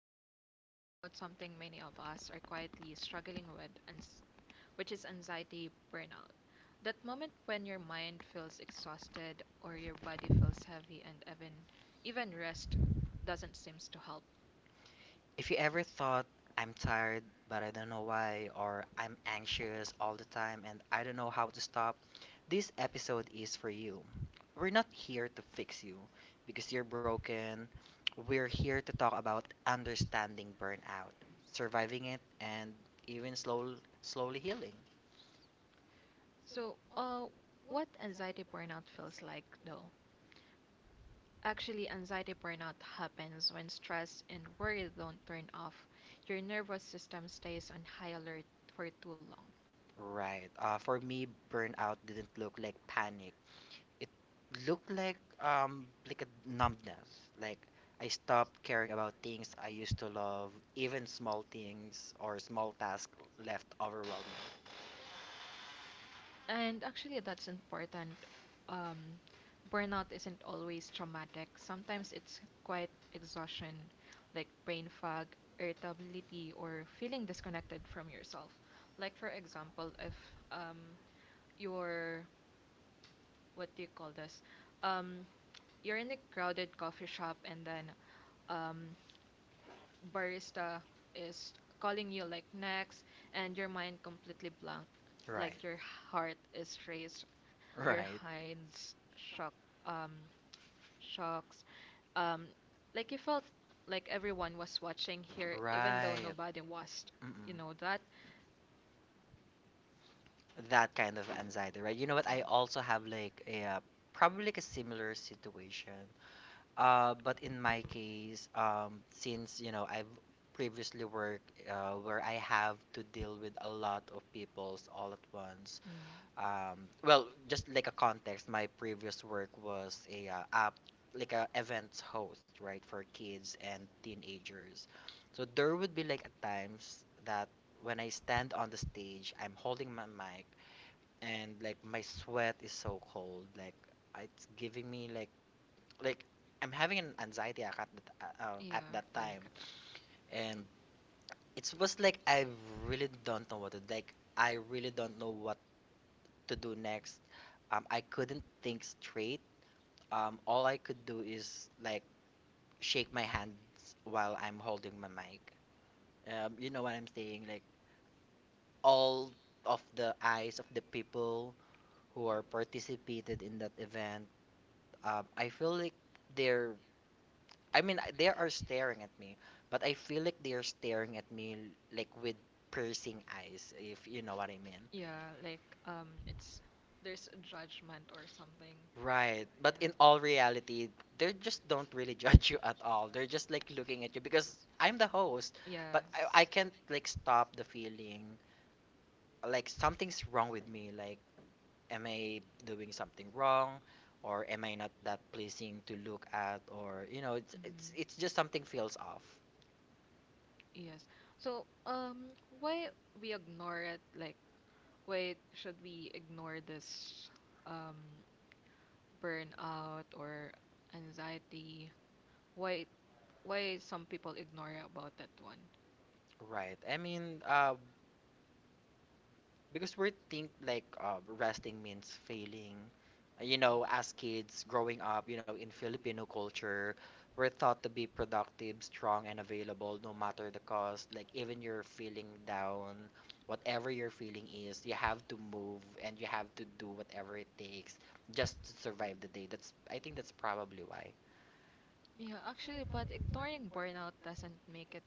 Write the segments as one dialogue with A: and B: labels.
A: Today we're talking about something many of us are quietly struggling with, which is anxiety burnout. That moment when your mind feels exhausted or your body feels heavy and even rest doesn't seems to help.
B: If you ever thought I'm tired, but I don't know why, or I'm anxious all the time and I don't know how to stop, this episode is for you. We're not here to fix you because you're broken. We're here to talk about understanding burnout, surviving it, and even slowly healing.
A: So, what anxiety burnout feels like though? Actually, anxiety burnout happens when stress and worry don't turn off. Your nervous system stays on high alert for too long.
B: Right. For me, burnout didn't look like panic. It looked like a numbness. Like I stopped caring about things I used to love, even small things or small tasks left overwhelming.
A: And actually, that's important. Um, Burnout isn't always traumatic. Sometimes it's quite exhaustion, like brain fog, irritability, or feeling disconnected from yourself. Like for example, if um you're what do you call this? Um, you're in a crowded coffee shop and then um barista is calling you like next, and your mind completely blank,
B: Right.
A: like your heart is racing, your
B: Right.
A: hinds shock um shocks, um like you felt like everyone was watching here even
B: Right.
A: though nobody was,
B: Mm-mm.
A: you know that.
B: You know, that kind of anxiety, right? You know what? I also have like a probably like a similar situation. But in my case, since I've previously worked where I have to deal with a lot of peoples all at once.
A: Mm,
B: Well, just like a context, my previous work was a app like a events host, right, for kids and teenagers. So there would be like at times that when I stand on the stage, I'm holding my mic and like my sweat is so cold, like it's giving me like I'm having an anxiety attack at
A: yeah,
B: that time,
A: panic attack.
B: and it was like I really don't know what to like. I really don't know what to do next. I couldn't think straight. All I could do is like shake my hands while I'm holding my mic. You know what I'm saying? Like all of the eyes of the people who are participated in that event. I feel like they're I mean, I- they are staring at me, but I feel like they are staring at me like with piercing eyes, if you know what I mean.
A: Yeah, like it's there's a judgment or something.
B: Right. But in all
A: Yeah,
B: reality, they just don't really judge you at all. They're just like looking at you because I'm the host, but
A: yeah,
B: I can't like
A: s-
B: stop the feeling like something's wrong with me. Like, am I doing something wrong? Or am I not that pleasing to look at? Or it's just
A: mm-hmm.
B: something feels off.
A: Yes. So, why we ignore it? Like, why should we ignore this, um, burnout or anxiety? Why, why some people ignore about that one?
B: Right. I mean, because we think like resting means failing. You know, as kids growing up, you know, in Filipino culture, we're thought to be productive, strong, and available no matter the cost. Like, even you're feeling down, whatever your feeling is, you have to move and you have to do whatever it takes just to survive the day. That's i think that's probably why.
A: Yeah, actually, but ignoring burnout doesn't make it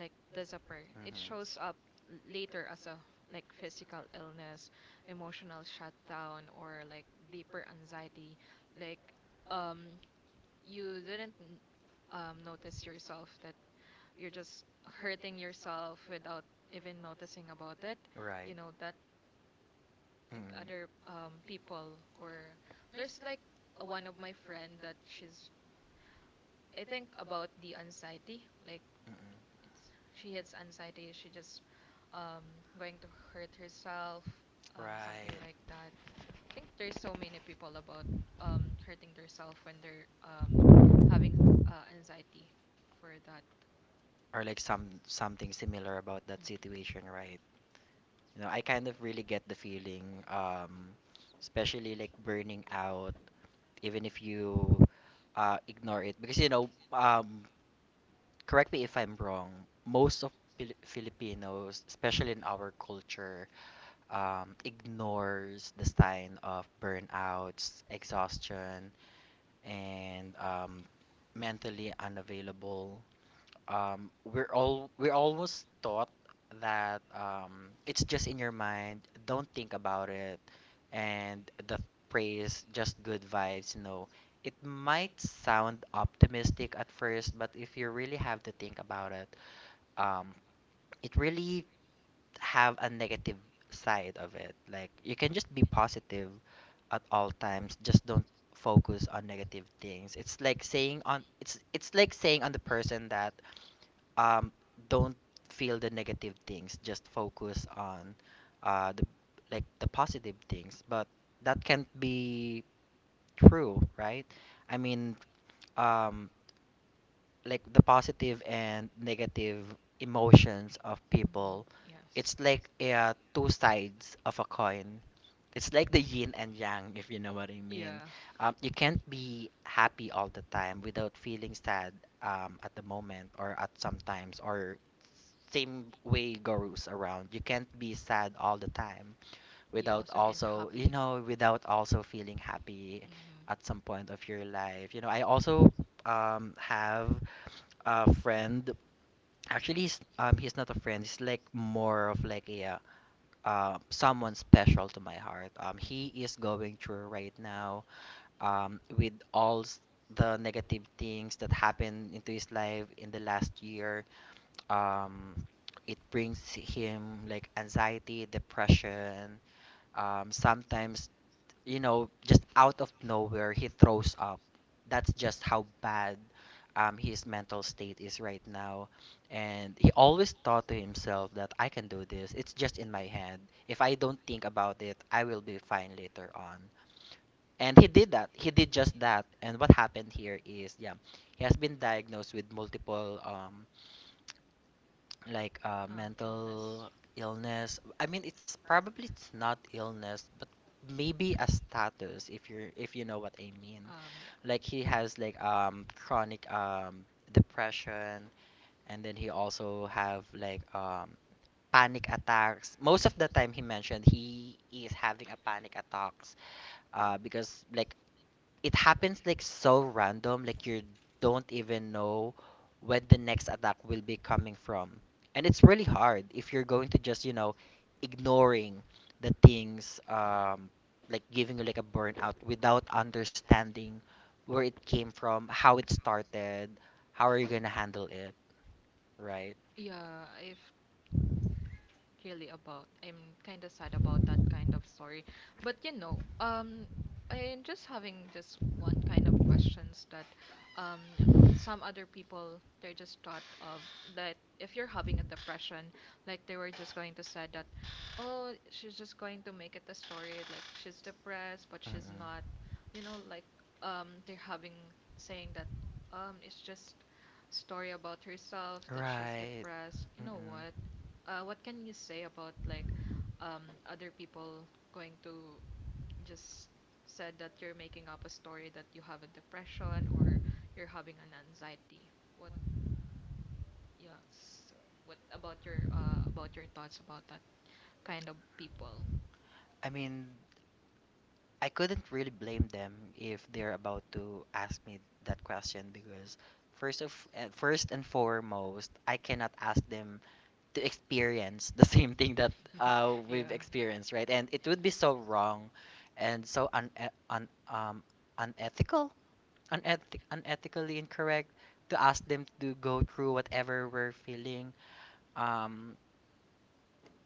A: like disappear. It
B: Mhm.
A: shows up later as a like physical illness, emotional shutdown, or like deeper anxiety, like um you didn't notice yourself that you're just hurting yourself without even noticing about it,
B: Right.
A: you know that. Like
B: Mm.
A: other people, or there's like one of my friend that she's I think about the anxiety, like
B: Like mm-mm.
A: it's she has anxiety, she just um, going to hurt herself,
B: Right.
A: something like that. I think there's so many people about hurting themselves when they're having anxiety for that.
B: Or like something similar about that
A: Mm.
B: situation, right? You know, I kind of really get the feeling, especially like burning out, even if you ignore it. Because, you know, correct me if I'm wrong, most of Filipinos, especially in our culture, ignores the sign of burnouts, exhaustion, and mentally unavailable. We're always taught that it's just in your mind. Don't think about it, and the praise just good vibes, you know. It might sound optimistic at first, but if you really have to think about it, um it really have a negative side of it. Like, you can just be positive at all times, just don't focus on negative things. It's like saying on the person that, um, don't feel the negative things, just focus on the like the positive things. But that can't be true, right? I mean, um, like the positive and negative emotions of
A: Mhm.
B: people, it's
A: Yes.
B: like two sides of a coin. It's like the yin and yang, if you know what I mean.
A: Yeah.
B: You can't be happy all the time without feeling sad, at the moment or at sometimes. Or same way goes around, you can't be sad all the time
A: You
B: without
A: also can
B: also you
A: copy.
B: know without also feeling happy at
A: Mm-hmm.
B: some point of your life. I also have a friend. Actually, he's not a friend. He's like more of like a someone special to my heart. He is going through right now, with all the negative things that happened into his life in the last year. um it brings him like anxiety, depression, sometimes. You know, just out of nowhere, he throws up. That's just how bad his mental state is right now. And he always thought to himself that I can do this. It's just in my head. If I don't think about it, I will be fine later on. And he did that. He did just that. And what happened here is, yeah, he has been diagnosed with multiple mental
A: Illness.
B: illness. I mean, it's probably it's not illness, but maybe a status, if you're if you know what I mean.
A: Yeah.
B: Like, he has like chronic depression, and then he also have like panic attacks. Most of the time, he mentioned he is having a panic attacks because like it happens like so random, like you don't even know when the next attack will be coming from, and it's really hard if you're going to just, you know, ignoring the things, like giving you like a burnout without understanding where it came from, how it started, how are you going to handle it, right?
A: Yeah. If really about. I'm kind of sad about that kind of story. But you know, I'm just having just one kind of questions that um, some other people they're just thought of that if you're having a depression, like they were just going to say that, oh, she's just going to make it a story like she's depressed, but she's not. You know, like they're having saying that it's just story about herself that she's
B: Right.
A: depressed. You know
B: Mm-mm.
A: what? What can you say about like other people going to just said that you're making up a story that you have a depression or you're having an anxiety? What yes, what about your thoughts about that kind of people?
B: I mean, I couldn't really blame them if they're about to ask me that question, because first and foremost, I cannot ask them to experience the same thing that we've
A: Yeah,
B: experienced, right? And it would be so wrong and so un, un unethical, unethically incorrect to ask them to go through whatever we're feeling. Um,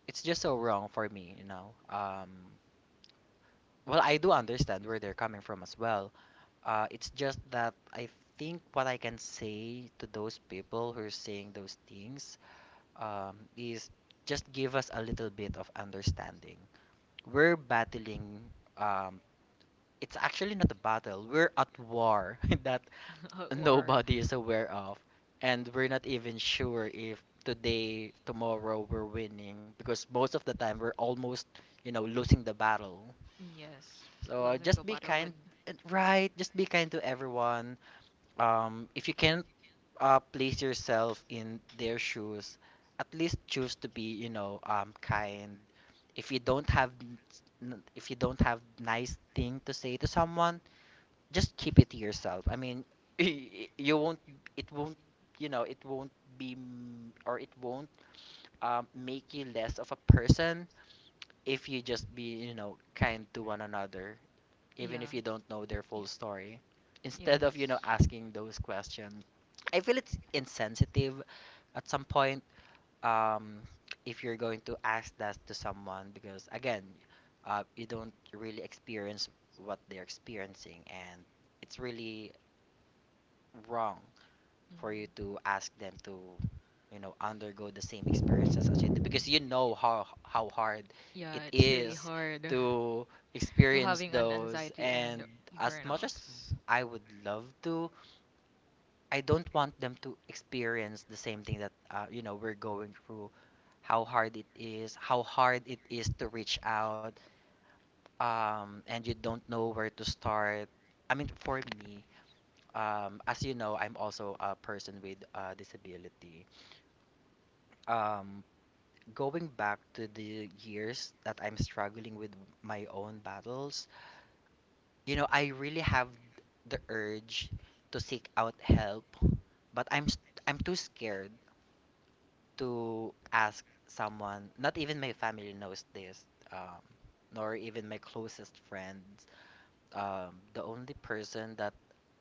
B: it's just so wrong for me. Well, I do understand where they're coming from as well. It's just that I think what I can say to those people who are saying those things, is just give us a little bit of understanding. We're battling, um, it's actually not a battle, we're at war that
A: or
B: nobody is aware of. And we're not even sure if today, tomorrow, we're winning, because most of the time we're almost, you know, losing the battle.
A: mm, yes,
B: So
A: losing the
B: just be
A: battle with
B: kind, right? Just be kind to everyone. If you can't place yourself in their shoes, at least choose to be, you know, kind. If you don't have, n- if you don't have nice thing to say to someone, just keep it to yourself. I mean, you won't, it won't, you know, it won't be, m- or it won't make you less of a person if you just be, you know, kind to one another, even
A: yeah,
B: if you don't know their
A: yeah,
B: full story,
A: yeah.
B: instead of, asking those questions. I feel it's insensitive at some point, um, if you're going to ask that to someone because, again, you don't really experience what they're experiencing, and it's really wrong for you to
A: Mm.
B: ask them to, you know, undergo the same experience, exhausted because you know how hard
A: Yeah,
B: it
A: it's really
B: is
A: hard
B: to
A: to
B: experience
A: having an
B: those.
A: anxiety
B: And
A: and
B: as much as
A: burnouts.
B: I would love to, I don't want them to experience the same thing that you know we're going through. How hard it is to reach out, and you don't know where to start. I mean, for me, as you know, I'm also a person with disability. um, Going back to the years that I'm struggling with my own battles, you know, I really have the urge to seek out help, but I'm too scared to ask someone. Not even my family knows this, um, nor even my closest friends. The only person that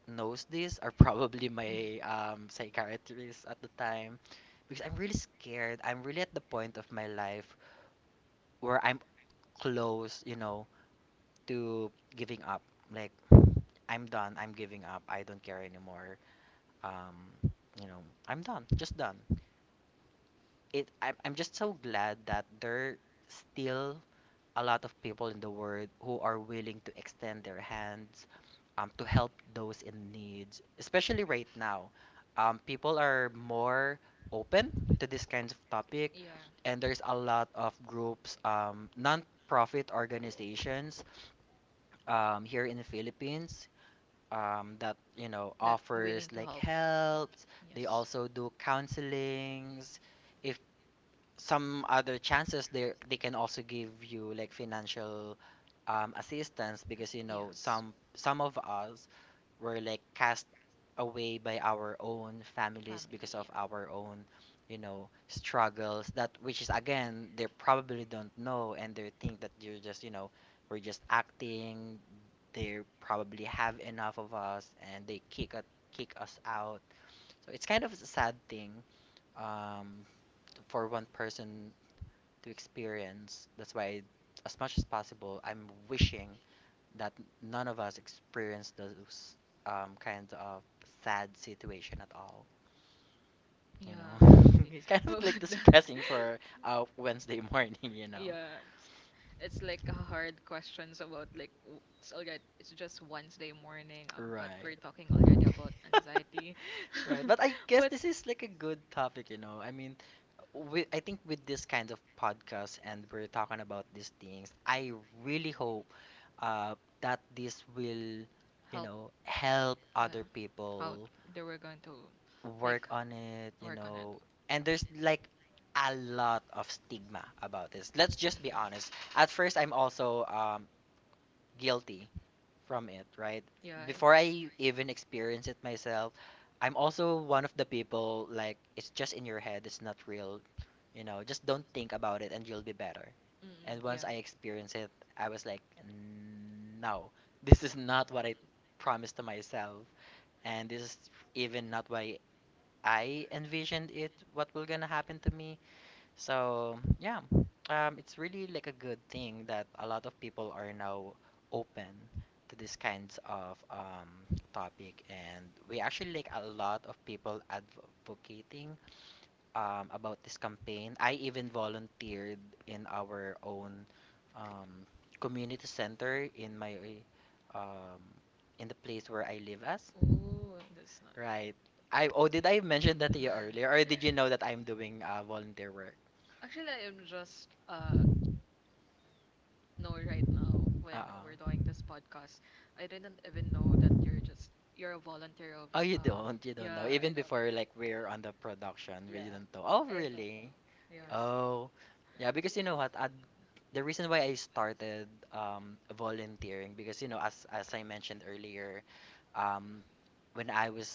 B: knows this are probably my psychiatrist at the time, because I'm really scared. I'm really at the point of my life where I'm close, you know, to giving up. Like, I'm done. I'm giving up. I don't care anymore. Um, you know, I'm done. Just done it. I'm just so glad that there still a lot of people in the world who are willing to extend their hands, to help those in needs, especially right now. People are more open to this kinds of topic,
A: Yeah,
B: and there's a lot of groups, non-profit organizations, here in the Philippines, that you know
A: that willing
B: offers
A: to
B: like
A: help.
B: helps. They
A: Yes.
B: also do counselings. If some other chances, they can also give you like financial assistance, because you know
A: Yes.
B: some of us were like cast away by our own families because
A: Family, yeah.
B: of our own, you know, struggles that which is again they probably don't know, and they think that you're just, you know, we're just acting. They probably have enough of us, and they kick us out. So it's kind of a sad thing um for one person to experience. That's why, as much as possible, I'm wishing that none of us experience those kinds of sad situation at all. You
A: Yeah,
B: know,
A: actually.
B: it's kind
A: How
B: of
A: about
B: like
A: that?
B: depressing for Wednesday morning. You know.
A: Yeah, it's like a hard questions about like it's already, it's just Wednesday morning, but we're talking
B: Right.
A: already about anxiety.
B: Right. But I guess
A: But
B: this is like a good topic, you know. I mean, we. I think with this kind of podcast, and we're talking about these things, I really hope that this will, you
A: help,
B: know, help
A: yeah,
B: other
A: how
B: people
A: they were going to like
B: work on it, you
A: work on it.
B: know. And there's like a lot of stigma about this. Let's just be honest. At first, I'm also, guilty from it, right?
A: Yeah, I'm,
B: Before I even experience it myself, I'm also one of the people like it's just in your head, it's not real. You know, just don't think about it, and you'll be better.
A: mm,
B: And once
A: yeah.
B: I experienced it, I was like, no, this is not what I promised to myself. And this is even not what I envisioned it, what will gonna happen to me. So yeah, it's really like a good thing that a lot of people are now open to these kinds of topic, and we actually like a lot of people advocating about this campaign. I even volunteered in our own um, community center, in my um, in the place where I live as.
A: Oh, that's not.
B: Right. I, oh, did I mention that to you earlier, or did you know that I'm doing volunteer work?
A: Actually, I'm just know right now when
B: Oo.
A: we're doing this podcast. I didn't even know that you're a volunteer of
B: Oh, you
A: um
B: don't. You don't
A: yeah,
B: know.
A: I
B: Even
A: don't,
B: before, like, we're on the production, we
A: yeah.
B: did not know. Oh,
A: I don't
B: really?
A: know. Yes.
B: Oh, yeah, because you know what? I, the reason why I started volunteering, because you know, as I mentioned earlier, um, when I was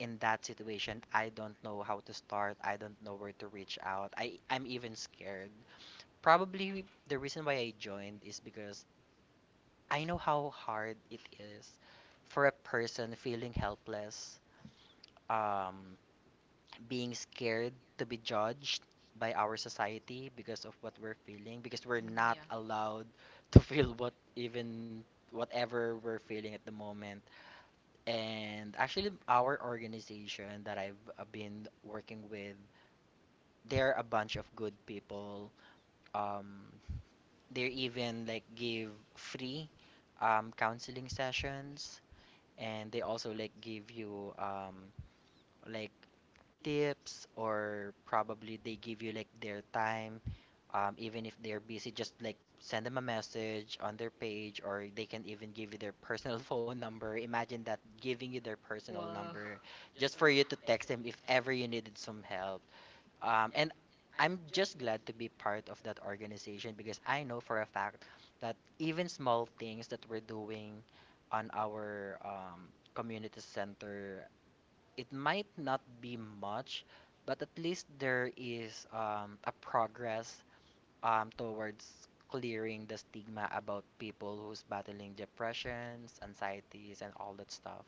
B: in that situation, I don't know how to start. I don't know where to reach out. I'm even scared. Probably the reason why I joined is because I know how hard it is for a person feeling helpless, um, being scared to be judged by our society because of what we're feeling, because we're
A: Mm,
B: not
A: yeah.
B: allowed to feel what even whatever we're feeling at the moment. And actually, our organization that I've been working with, they're a bunch of good people. Um, They even like give free counseling sessions, and they also like give you like tips, or probably they give you like their time, even if they're busy. Just like send them a message on their page, or they can even give you their personal phone number. Imagine that giving you their personal
A: Wow.
B: number just for you to text them if ever you needed some help. And I'm just glad to be part of that organization because I know for a fact that even small things that we're doing on our community center, it might not be much, but at least there is, a progress towards clearing the stigma about people who's battling depressions, anxieties, and all that stuff.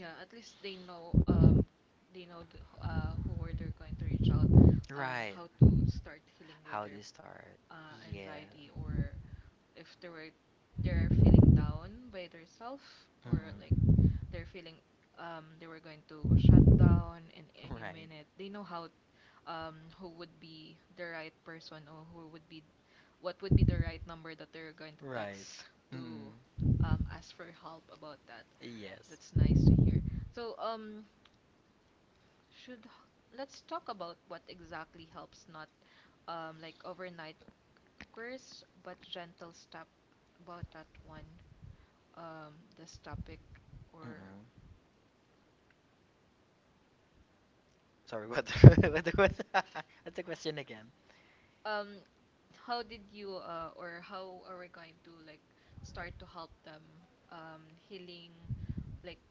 A: Yeah, at least they know the, who were they're going to reach out
B: Right.
A: how to start healing with
B: How they
A: their
B: start. Yes.
A: anxiety, or if they were they're feeling down by themselves, or like they're feeling they were going to shut down in any minute. They know how who would be the right person, or who would be what would be the right number that they're going to text
B: To.
A: to
B: Mm.
A: ask for help about that. That's nice to
B: Yes.
A: hear. So should let's talk about what exactly helps, not like overnight course but gentle step about that one, this topic, or
B: Mm-mm. Sorry, what what the- what what's the question again?
A: um how did you or how are we going to like start to help them healing, like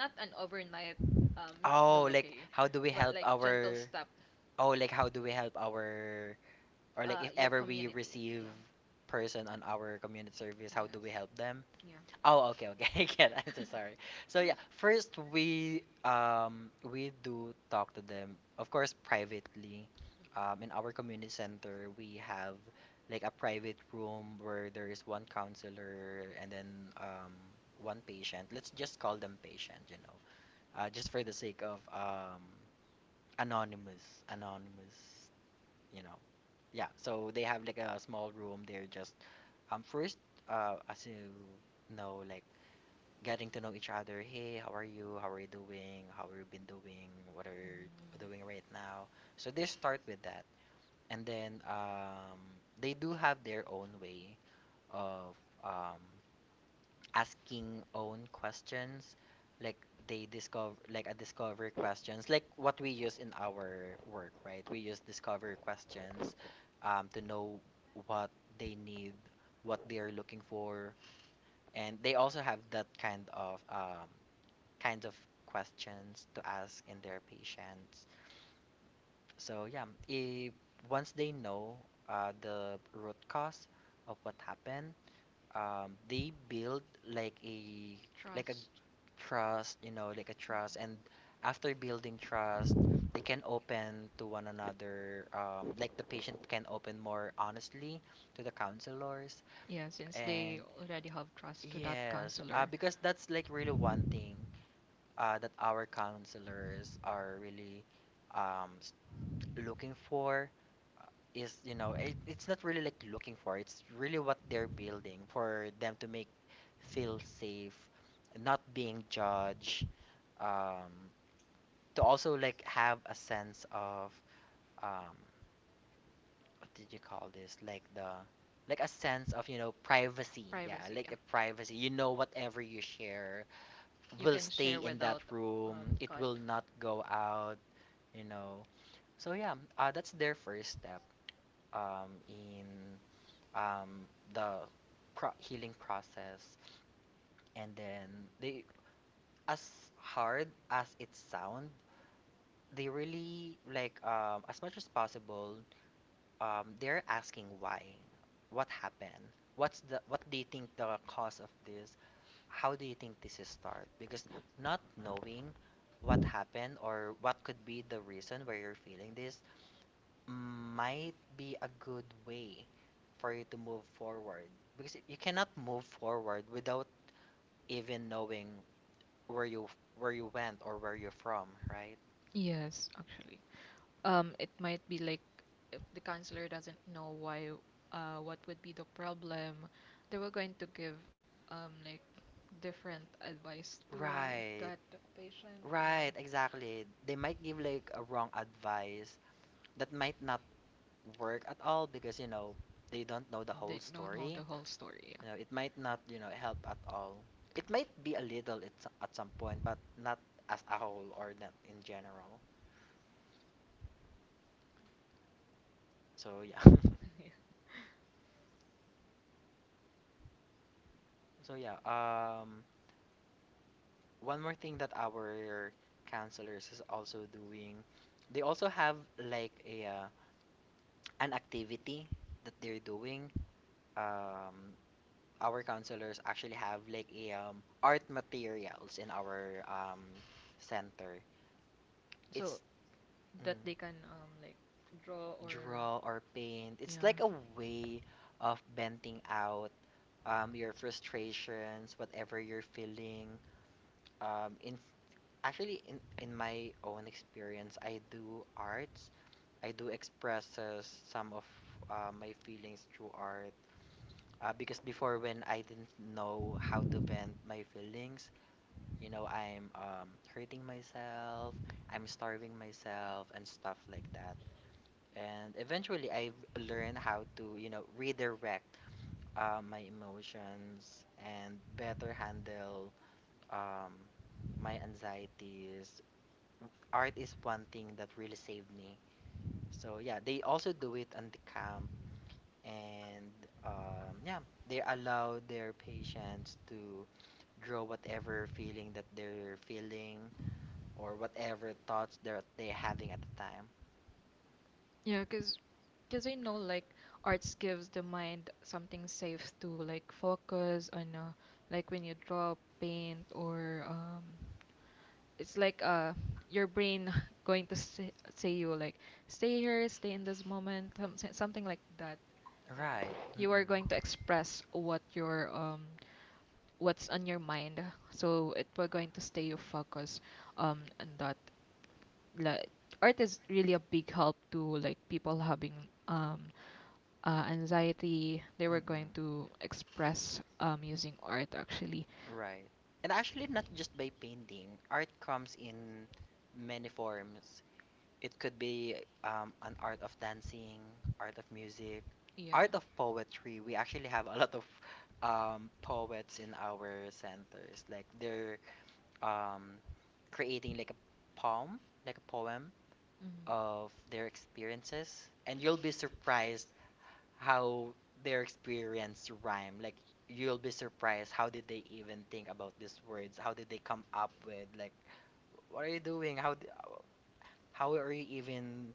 A: not an overnight um
B: Oh,
A: heal
B: like
A: okay
B: how do we
A: but
B: help
A: like gentle
B: our
A: step
B: Oh, like how do we help our, or like if
A: your
B: ever we
A: community,
B: receive
A: yeah,
B: person on our community service, how do we help them?
A: yes,
B: Oh, okay, okay.
A: yeah,
B: Again, I'm so
A: mm.
B: sorry. So yeah, first we, we do talk to them, of course, privately. In our community center, we have like a private room where there is one counselor and then um one patient. Let's just call them patient, you know, just for the sake of anonymous, anonymous, you know. Yeah. So they have like a small room. They're just, first, as you know, like, getting to know each other. Hey, how are you? How are you doing? How have you been doing? What are you
A: Mm.
B: doing right now? So they start with that, and then, they do have their own way of um, asking own questions, like they discover like a discover questions, like what we use in our work, right? We use discover questions to know what they need, what they are looking for, and they also have that kind of kinds of questions to ask in their patients. So yeah, if once they know the root cause of what happened, they build like a like a
A: Trust,
B: trust, you know, like a trust, and after building trust, they can open to one another. Like, the patient can open more honestly to the counselors,
A: yeah, since
B: and
A: they already have trust to that
B: yes,
A: counselor.
B: because that's like really one thing that our counselors are really um, s- looking for, uh, is you know it's not really like looking for, it's really what they're building for them to make feel safe, not being judged, um, to also like have a sense of, um, what did you call this, like the, like a sense of, you know, privacy, yeah,
A: Privacy,
B: like a
A: yeah,
B: privacy, you know, whatever you share
A: you
B: will
A: can
B: stay
A: share
B: in that
A: without
B: room, it
A: cut.
B: will not go out, you know. So yeah, that's their first step in um, the healing process. And then they, as hard as it sound, they really like, as much as possible. They're asking why, what happened, what do you think the cause of this? How do you think this is start? Because not knowing what happened or what could be the reason why you're feeling this might be a good way for you to move forward, because you cannot move forward without even knowing where you where you went or where you're from, right?
A: Yes, actually it might be like if the counselor doesn't know why what would be the problem, they were going to give like different advice to
B: Right.
A: that patient, you
B: Right,
A: know
B: exactly. They might give like a wrong advice that might not work at all because you know they don't know the whole
A: they don't know
B: story.
A: the whole story.
B: You know, it might not, you know, help at all. It might be a little at at some point, but not as a whole or not in general. So yeah.
A: Yeah.
B: So yeah. One more thing that our counselors is also doing, they also have like a an activity that they're doing. Um, our counselors actually have like a art materials in our center.
A: So
B: It's.
A: that
B: Mhm.
A: they can like draw or
B: Draw or paint.
A: yeah.
B: It's like a way of venting out your frustrations, whatever you're feeling. In actually, in my own experience, I do arts. I do expresses some of my feelings through art. Because before, when I didn't know how to vent my feelings, you know, I'm hurting myself, I'm starving myself, and stuff like that. And eventually I learned how to, you know, redirect my emotions and better handle um, my anxieties. Art is one thing that really saved me. So yeah, they also do it on the camp. And yeah, they allow their patients to draw whatever feeling that they're feeling, or whatever thoughts they're having at the time.
A: Yeah, because I know like arts gives the mind something safe to like focus on like when you draw, paint, or it's like your brain going to say, say you like stay here, stay in this moment, something like that. You know,
B: Right.
A: you are going to express what your what's on your mind, so it will going to stay you focus on that. Like, art is really a big help to like people having um anxiety they were going to express using art actually.
B: Right. And actually, not just by painting, art comes in many forms. It could be an art of dancing, art of music,
A: Yeah.
B: art of poetry. We actually have a lot of poets in our centers. Like they're um, creating like a poem,
A: Mhm.
B: of their experiences, and you'll be surprised how their experience rhyme. Like, you'll be surprised how did they even think about these words? How did they come up with, like, what are you doing? How are you even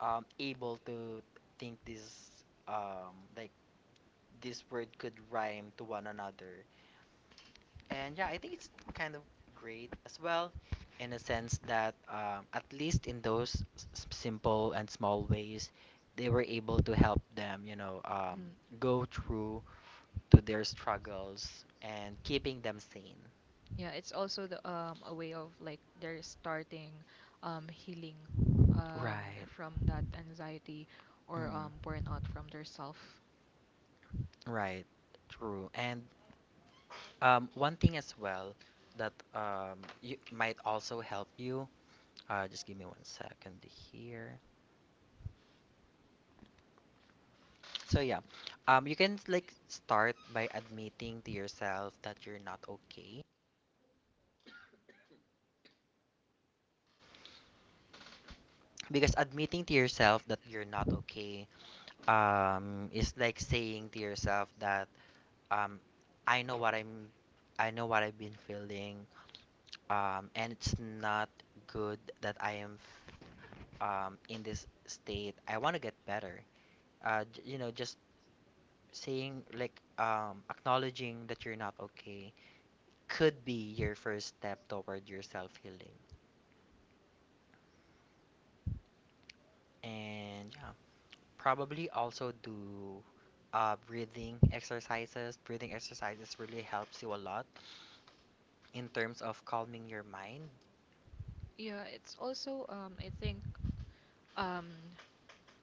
B: able to think this, like this word could rhyme to one another? And yeah, I think it's kind of great as well in a sense that at least in those simple and small ways, they were able to help them, you know,
A: Mm,
B: go through to their struggles and keeping them sane.
A: yeah, it's also the a way of like they're starting healing um
B: Right.
A: from that anxiety or
B: Mm.
A: burnout from their self.
B: Right. True. And one thing as well that you might also help you. Just give me one second here. So yeah, you can like start by admitting to yourself that you're not okay. Because admitting to yourself that you're not okay, is like saying to yourself that um, I know what I know what I've been feeling, and it's not good that I am in this state. I want to get better. You know, just saying, like, acknowledging that you're not okay could be your first step toward your self healing. And yeah, probably also do breathing exercises. Breathing exercises really helps you a lot in terms of calming your mind.
A: Yeah, it's also I think um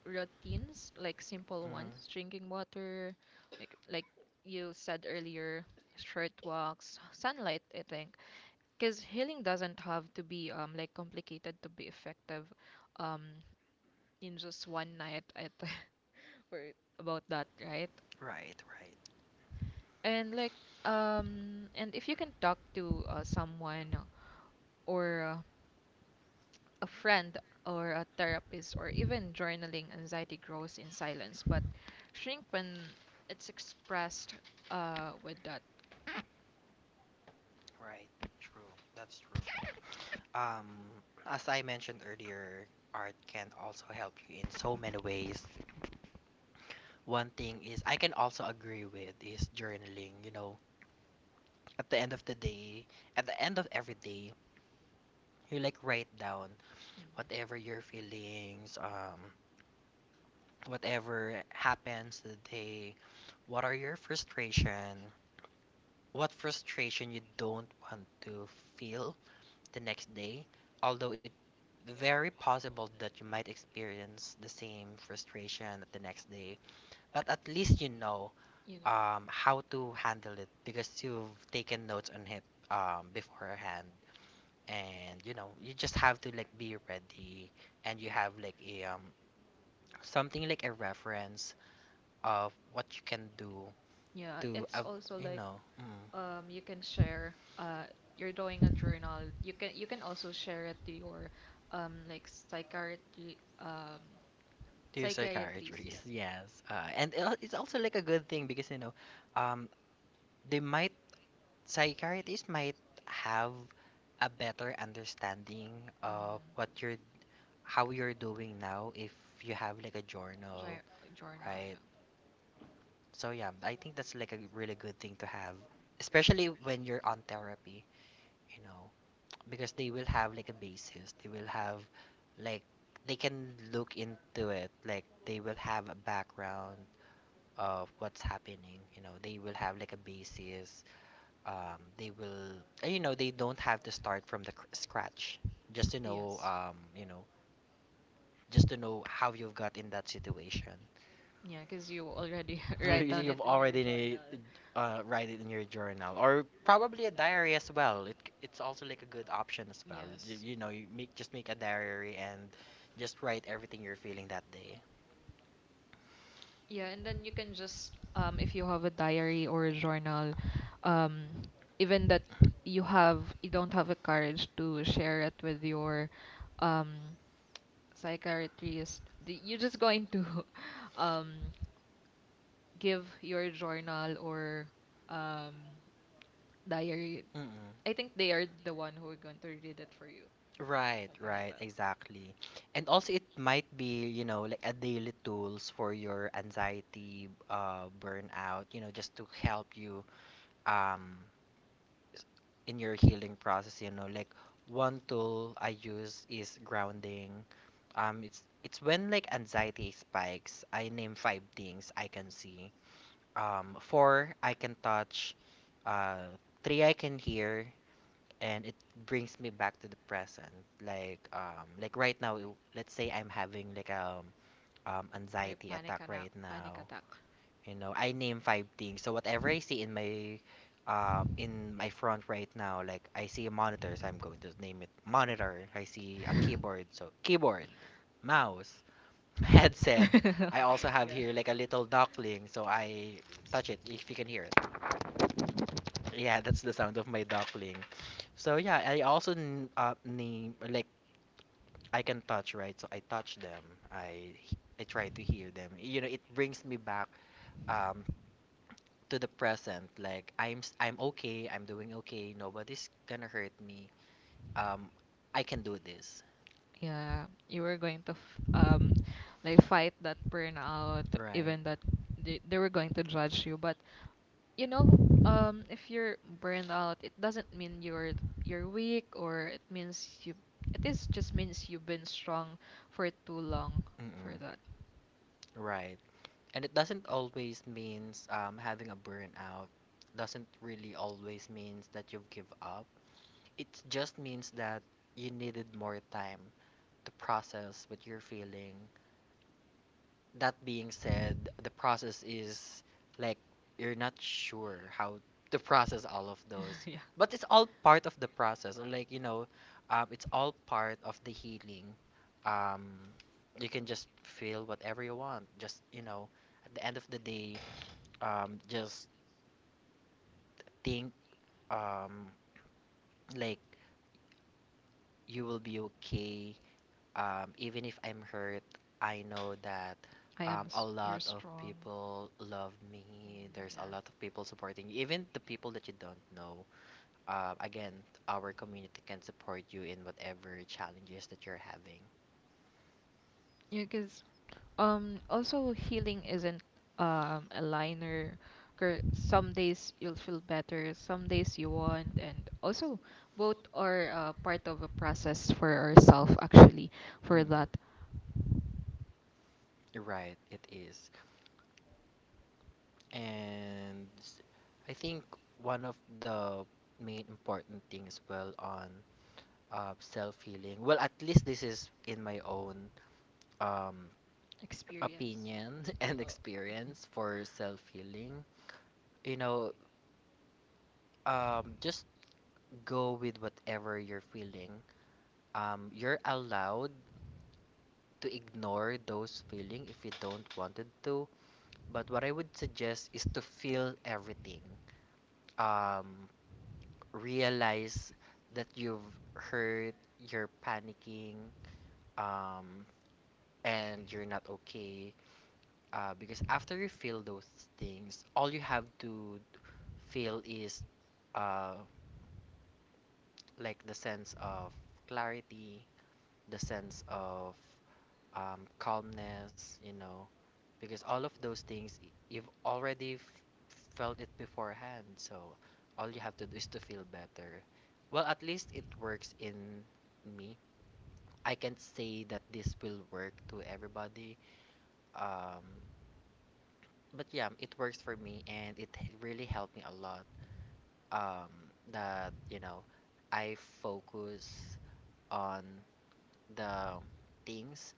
A: routines like simple ones,
B: Hmm.
A: drinking water, like you said earlier, short walks, sunlight, I think because healing doesn't have to be like complicated to be effective um in just one night at word about that right.
B: Right, right,
A: And like and if you can talk to someone or a friend or a therapist or even journaling, anxiety grows in silence but shrink when it's expressed with that.
B: right. True. That's true. Um, as I mentioned earlier, art can also help you in so many ways. One thing is I can also agree with is journaling. At the end of the day, at the end of every day, you like write down
A: Mhm.
B: whatever your feelings, whatever happens today, what are your frustration, what frustration you don't want to feel the next day, although it very possible that you might experience the same frustration the next day, but at least
A: You know,
B: how to handle it because you've taken notes on it beforehand. And you just have to like be ready, and you have like a something like a reference of what you can do
A: yeah,
B: to
A: it's
B: uh,
A: also
B: you
A: like
B: know mm,
A: you can share you're doing a journal, you can also share it to your like psychiatry
B: to your
A: psychiatrist
B: psychiatrist.
A: yeah
B: Yes, and it's also like a good thing because um they might, psychiatrists might have a better understanding of
A: mm-hmm.
B: what you're how you're doing now if you have like a journal.
A: Journal, yeah,
B: Right. So yeah, I think that's like a really good thing to have, especially when you're on therapy, you know, because they will have like a basis. They will have, like, they can look into it. Like they will have a background of what's happening. They will have like a basis. They will, they don't have to start from scratch just to
A: yes,
B: know how you've got in that situation.
A: yeah, because you already write down it
B: You've
A: in your
B: already,
A: journal.
B: write it in your journal or probably a diary as well. It's also like a good option as well. You,
A: Yes.
B: you know, you make just make a diary and just write everything you're feeling that day.
A: Yeah, and then you can just if you have a diary or a journal, um even that you have you don't have the courage to share it with your um psychiatrist, you're just going to um give your journal or um diary.
B: Mm-mm.
A: I think they are the one who are going to read it for you.
B: Right,
A: Something like
B: right,
A: that.
B: exactly. And also it might be, you know, like a daily tools for your anxiety, burnout, just to help you um s- in your healing process, like one tool I use is grounding. It's when like anxiety spikes, I name five things I can see. Four I can touch, uh, three I can hear, and it brings me back to the present. Like like right now. Let's say I'm having like
A: Like
B: anxiety
A: panic
B: attack
A: attack,
B: right
A: panic
B: now.
A: attack.
B: I name five things, so whatever I see in my front right now, like I see a monitor, so I'm going to name it monitor. I see a keyboard, so keyboard, mouse, headset. I also have
A: Yeah.
B: here like a little duckling, so I touch it. If you can hear it, yeah, that's the sound of my duckling. So yeah, I also name like I can touch, right? So I touch them. I h- I try to hear them. You know, it brings me back um to the present. Like I'm okay. I'm doing okay. Nobody's gonna hurt me. Um, I can do this.
A: Yeah, you were going to f like fight that burnout,
B: Right.
A: even that they were going to judge you. But you know, if you're burned out, it doesn't mean you're weak, or it means you. It is just means you've been strong for too long
B: Mm-mm.
A: for that.
B: Right. And it doesn't always means, having a burnout. Doesn't really always means that you've give up. It just means that you needed more time to process what you're feeling. That being said, the process is, like, you're not sure how to process all of those,
A: Yeah,
B: but it's all part of the process. Or like it's all part of the healing. Um, you can just feel whatever you want. Just at the end of the day, just think, um, like you will be okay. Even if I'm hurt, I know that,
A: I am.
B: a
A: You're
B: lot of
A: strong.
B: people love me.
A: Mm,
B: There's a
A: yeah.
B: lot of people supporting you, even the people that you don't know. Again, our community can support you in whatever challenges that you're having.
A: Yeah, 'cause um, also, healing isn't a liner. 'Cause some days you'll feel better, some days you won't, and also both are part of a process for ourselves, actually, for that
B: Right, it is. And I think one of the main important thing as well on, self healing. Well, at least this is in my own, um,
A: experience.
B: opinion, and
A: Uh,
B: experience for self healing. You know, just go with whatever you're feeling. You're allowed to ignore those feeling if you don't wanted to. But what I would suggest is to feel everything. Um, realize that you've hurt, you're panicking, um, and you're not okay. Because after you feel those things, all you have to feel is, uh, like the sense of clarity, the sense of, calmness, you know, because all of those things you've already felt it beforehand. So all you have to do is to feel better. Well, at least it works in me. I can't say that this will work to everybody. Um, but yeah, it works for me and it really helped me a lot. Um, that you know, I focus on the things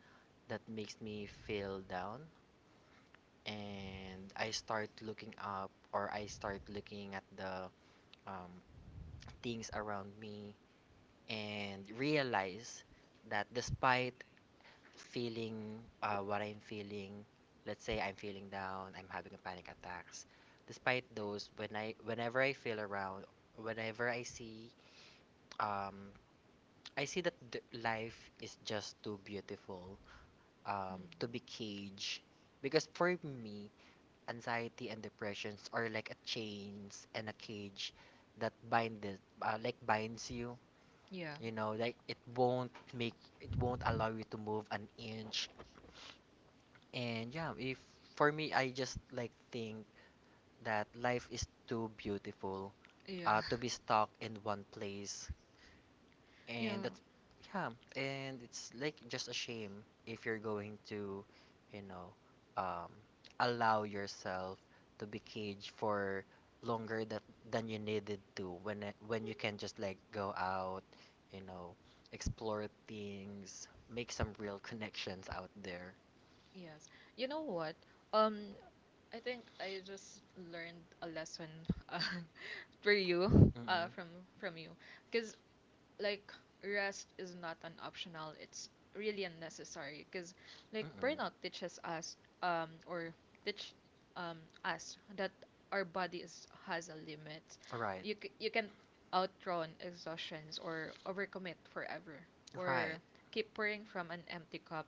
B: that makes me feel down, and I start looking up, or I start looking at the, um, things around me and realize that despite feeling, what I'm feeling. Let's say I'm feeling down, I'm having a panic attacks. Despite those, when I, whenever I feel around, whenever um, I see that life is just too beautiful, to be caged. Because for me, anxiety and depressions are like a chains and a cage that bind it, like binds you.
A: yeah,
B: You know, like it won't allow you to move an inch. And yeah, if for me, I just like think that life is too beautiful,
A: yeah.
B: to be stuck in one place. And
A: Yeah,
B: that's, yeah, and it's like just a shame if you're going to, you know, um, allow yourself to be caged for longer that than you needed to, when when you can just like go out, you know, explore things, make some real connections out there.
A: yes. You know what? Um, I think I just learned a lesson uh, for you
B: Mm.
A: from you because like rest is not an optional, it's really unnecessary because like burnout teaches us or teach um us that our body is, has a limit. You you can outrun exhaustions or overcommit forever or keep pouring from an empty cup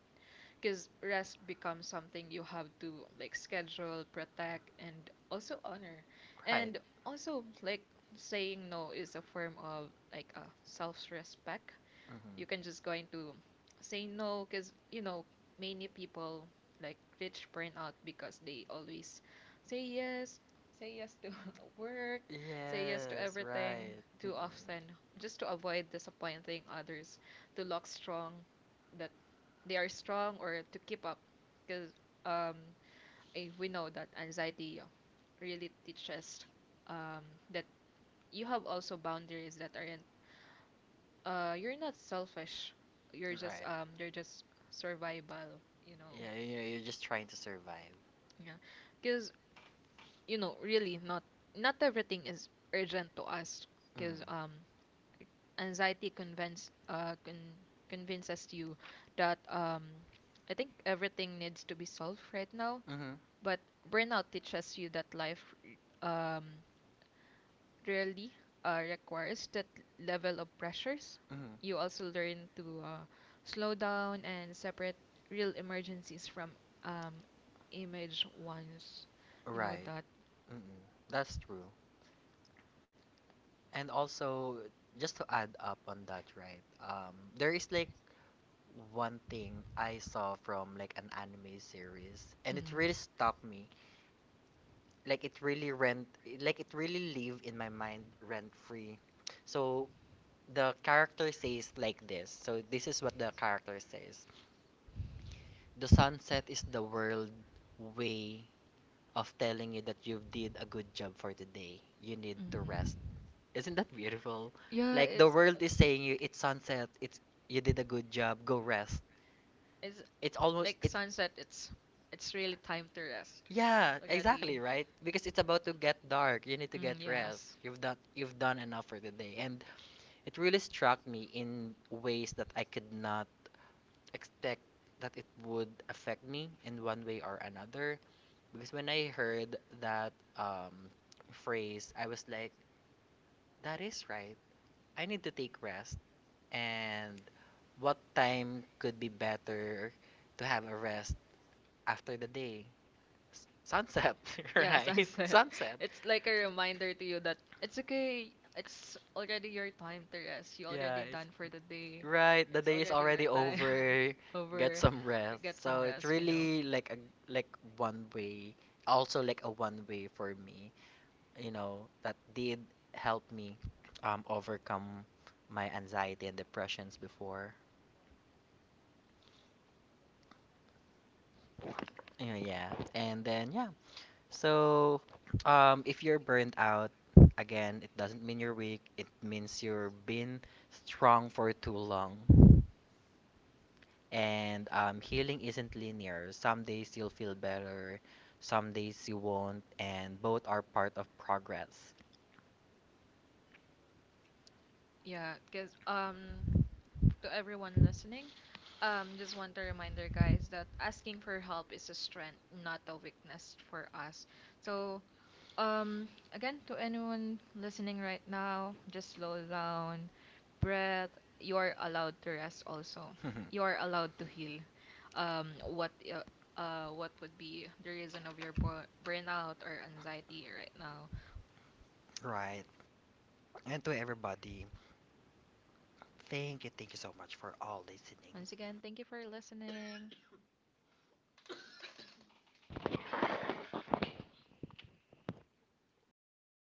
A: because rest becomes something you have to like schedule, protect, and also honor. And also like saying no is a form of like a self-respect. You can just going to say no because you know many people like reach burnout because they always say yes, say yes to work, say yes to everything too often just to avoid disappointing others, to look strong, that they are strong or to keep up because um I, we know that anxiety really teaches um that you have also boundaries that aren't you're not selfish, you're just
B: Right.
A: they're just survival, you know.
B: Yeah, you know, you're just trying to survive.
A: Yeah, because you know really not not everything is urgent to us because anxiety convince convinces you that I think everything needs to be solved right now,
B: Mmhmm.
A: but burnout teaches you that life um really requires that level of pressures. You also learn to slow down and separate real emergencies from um image ones. You know
B: Right.
A: that.
B: Mm-mm. That's true. And also, just to add up on that, right? There is like one thing I saw from like an anime series, and it
A: Mm.
B: really stuck me. Like like it really live in my mind rent free. So the character says like this. So this is what the character says: the sunset is the world way of telling you that you've did a good job for today. You need to
A: Mm.
B: rest. Isn't that beautiful?
A: Yeah,
B: Like the world is saying you it's sunset, it's you did a good job, go rest.
A: it's
B: It's
A: like
B: almost,
A: sunset. It's really time to rest
B: yeah,
A: already.
B: exactly, right? Because it's about to get dark. You need to
A: Mm,
B: get rest.
A: yes.
B: You've done enough for the day. And it really struck me in ways that I could not expect that it would affect me in one way or another. Because when I heard that, phrase, I was like, that is right. I need to take rest. And what time could be better to have a rest after the day? Sunset,
A: Yeah,
B: right?
A: sunset.
B: Sunset.
A: It's like a reminder to you that it's okay. It's already your time to rest. You
B: Yeah,
A: already
B: it's
A: done for the day.
B: right. The
A: It's
B: day is
A: already your
B: already
A: time
B: over. Get
A: over.
B: some rest.
A: Get some
B: So it's
A: rest, you know.
B: really like a, like, one way. Also like a one way for me. You know that did help me overcome my anxiety and depressions before. Yeah, yeah. And then yeah, so, if you're burnt out, again, it doesn't mean you're weak. It means you're been strong for too long. And healing isn't linear. Some days you'll feel better, some days you won't, and both are part of progress.
A: Yeah, because to everyone listening. Just want to reminder, guys, that asking for help is a strength, not a weakness for us. So, again, to anyone listening right now, just slow down, breath. You're allowed to rest. Also, you're allowed to heal. Um, what, uh, what would be the reason of your burnout or anxiety right now?
B: Right. And to everybody, thank you so much for all listening.
A: Once again, thank you for listening.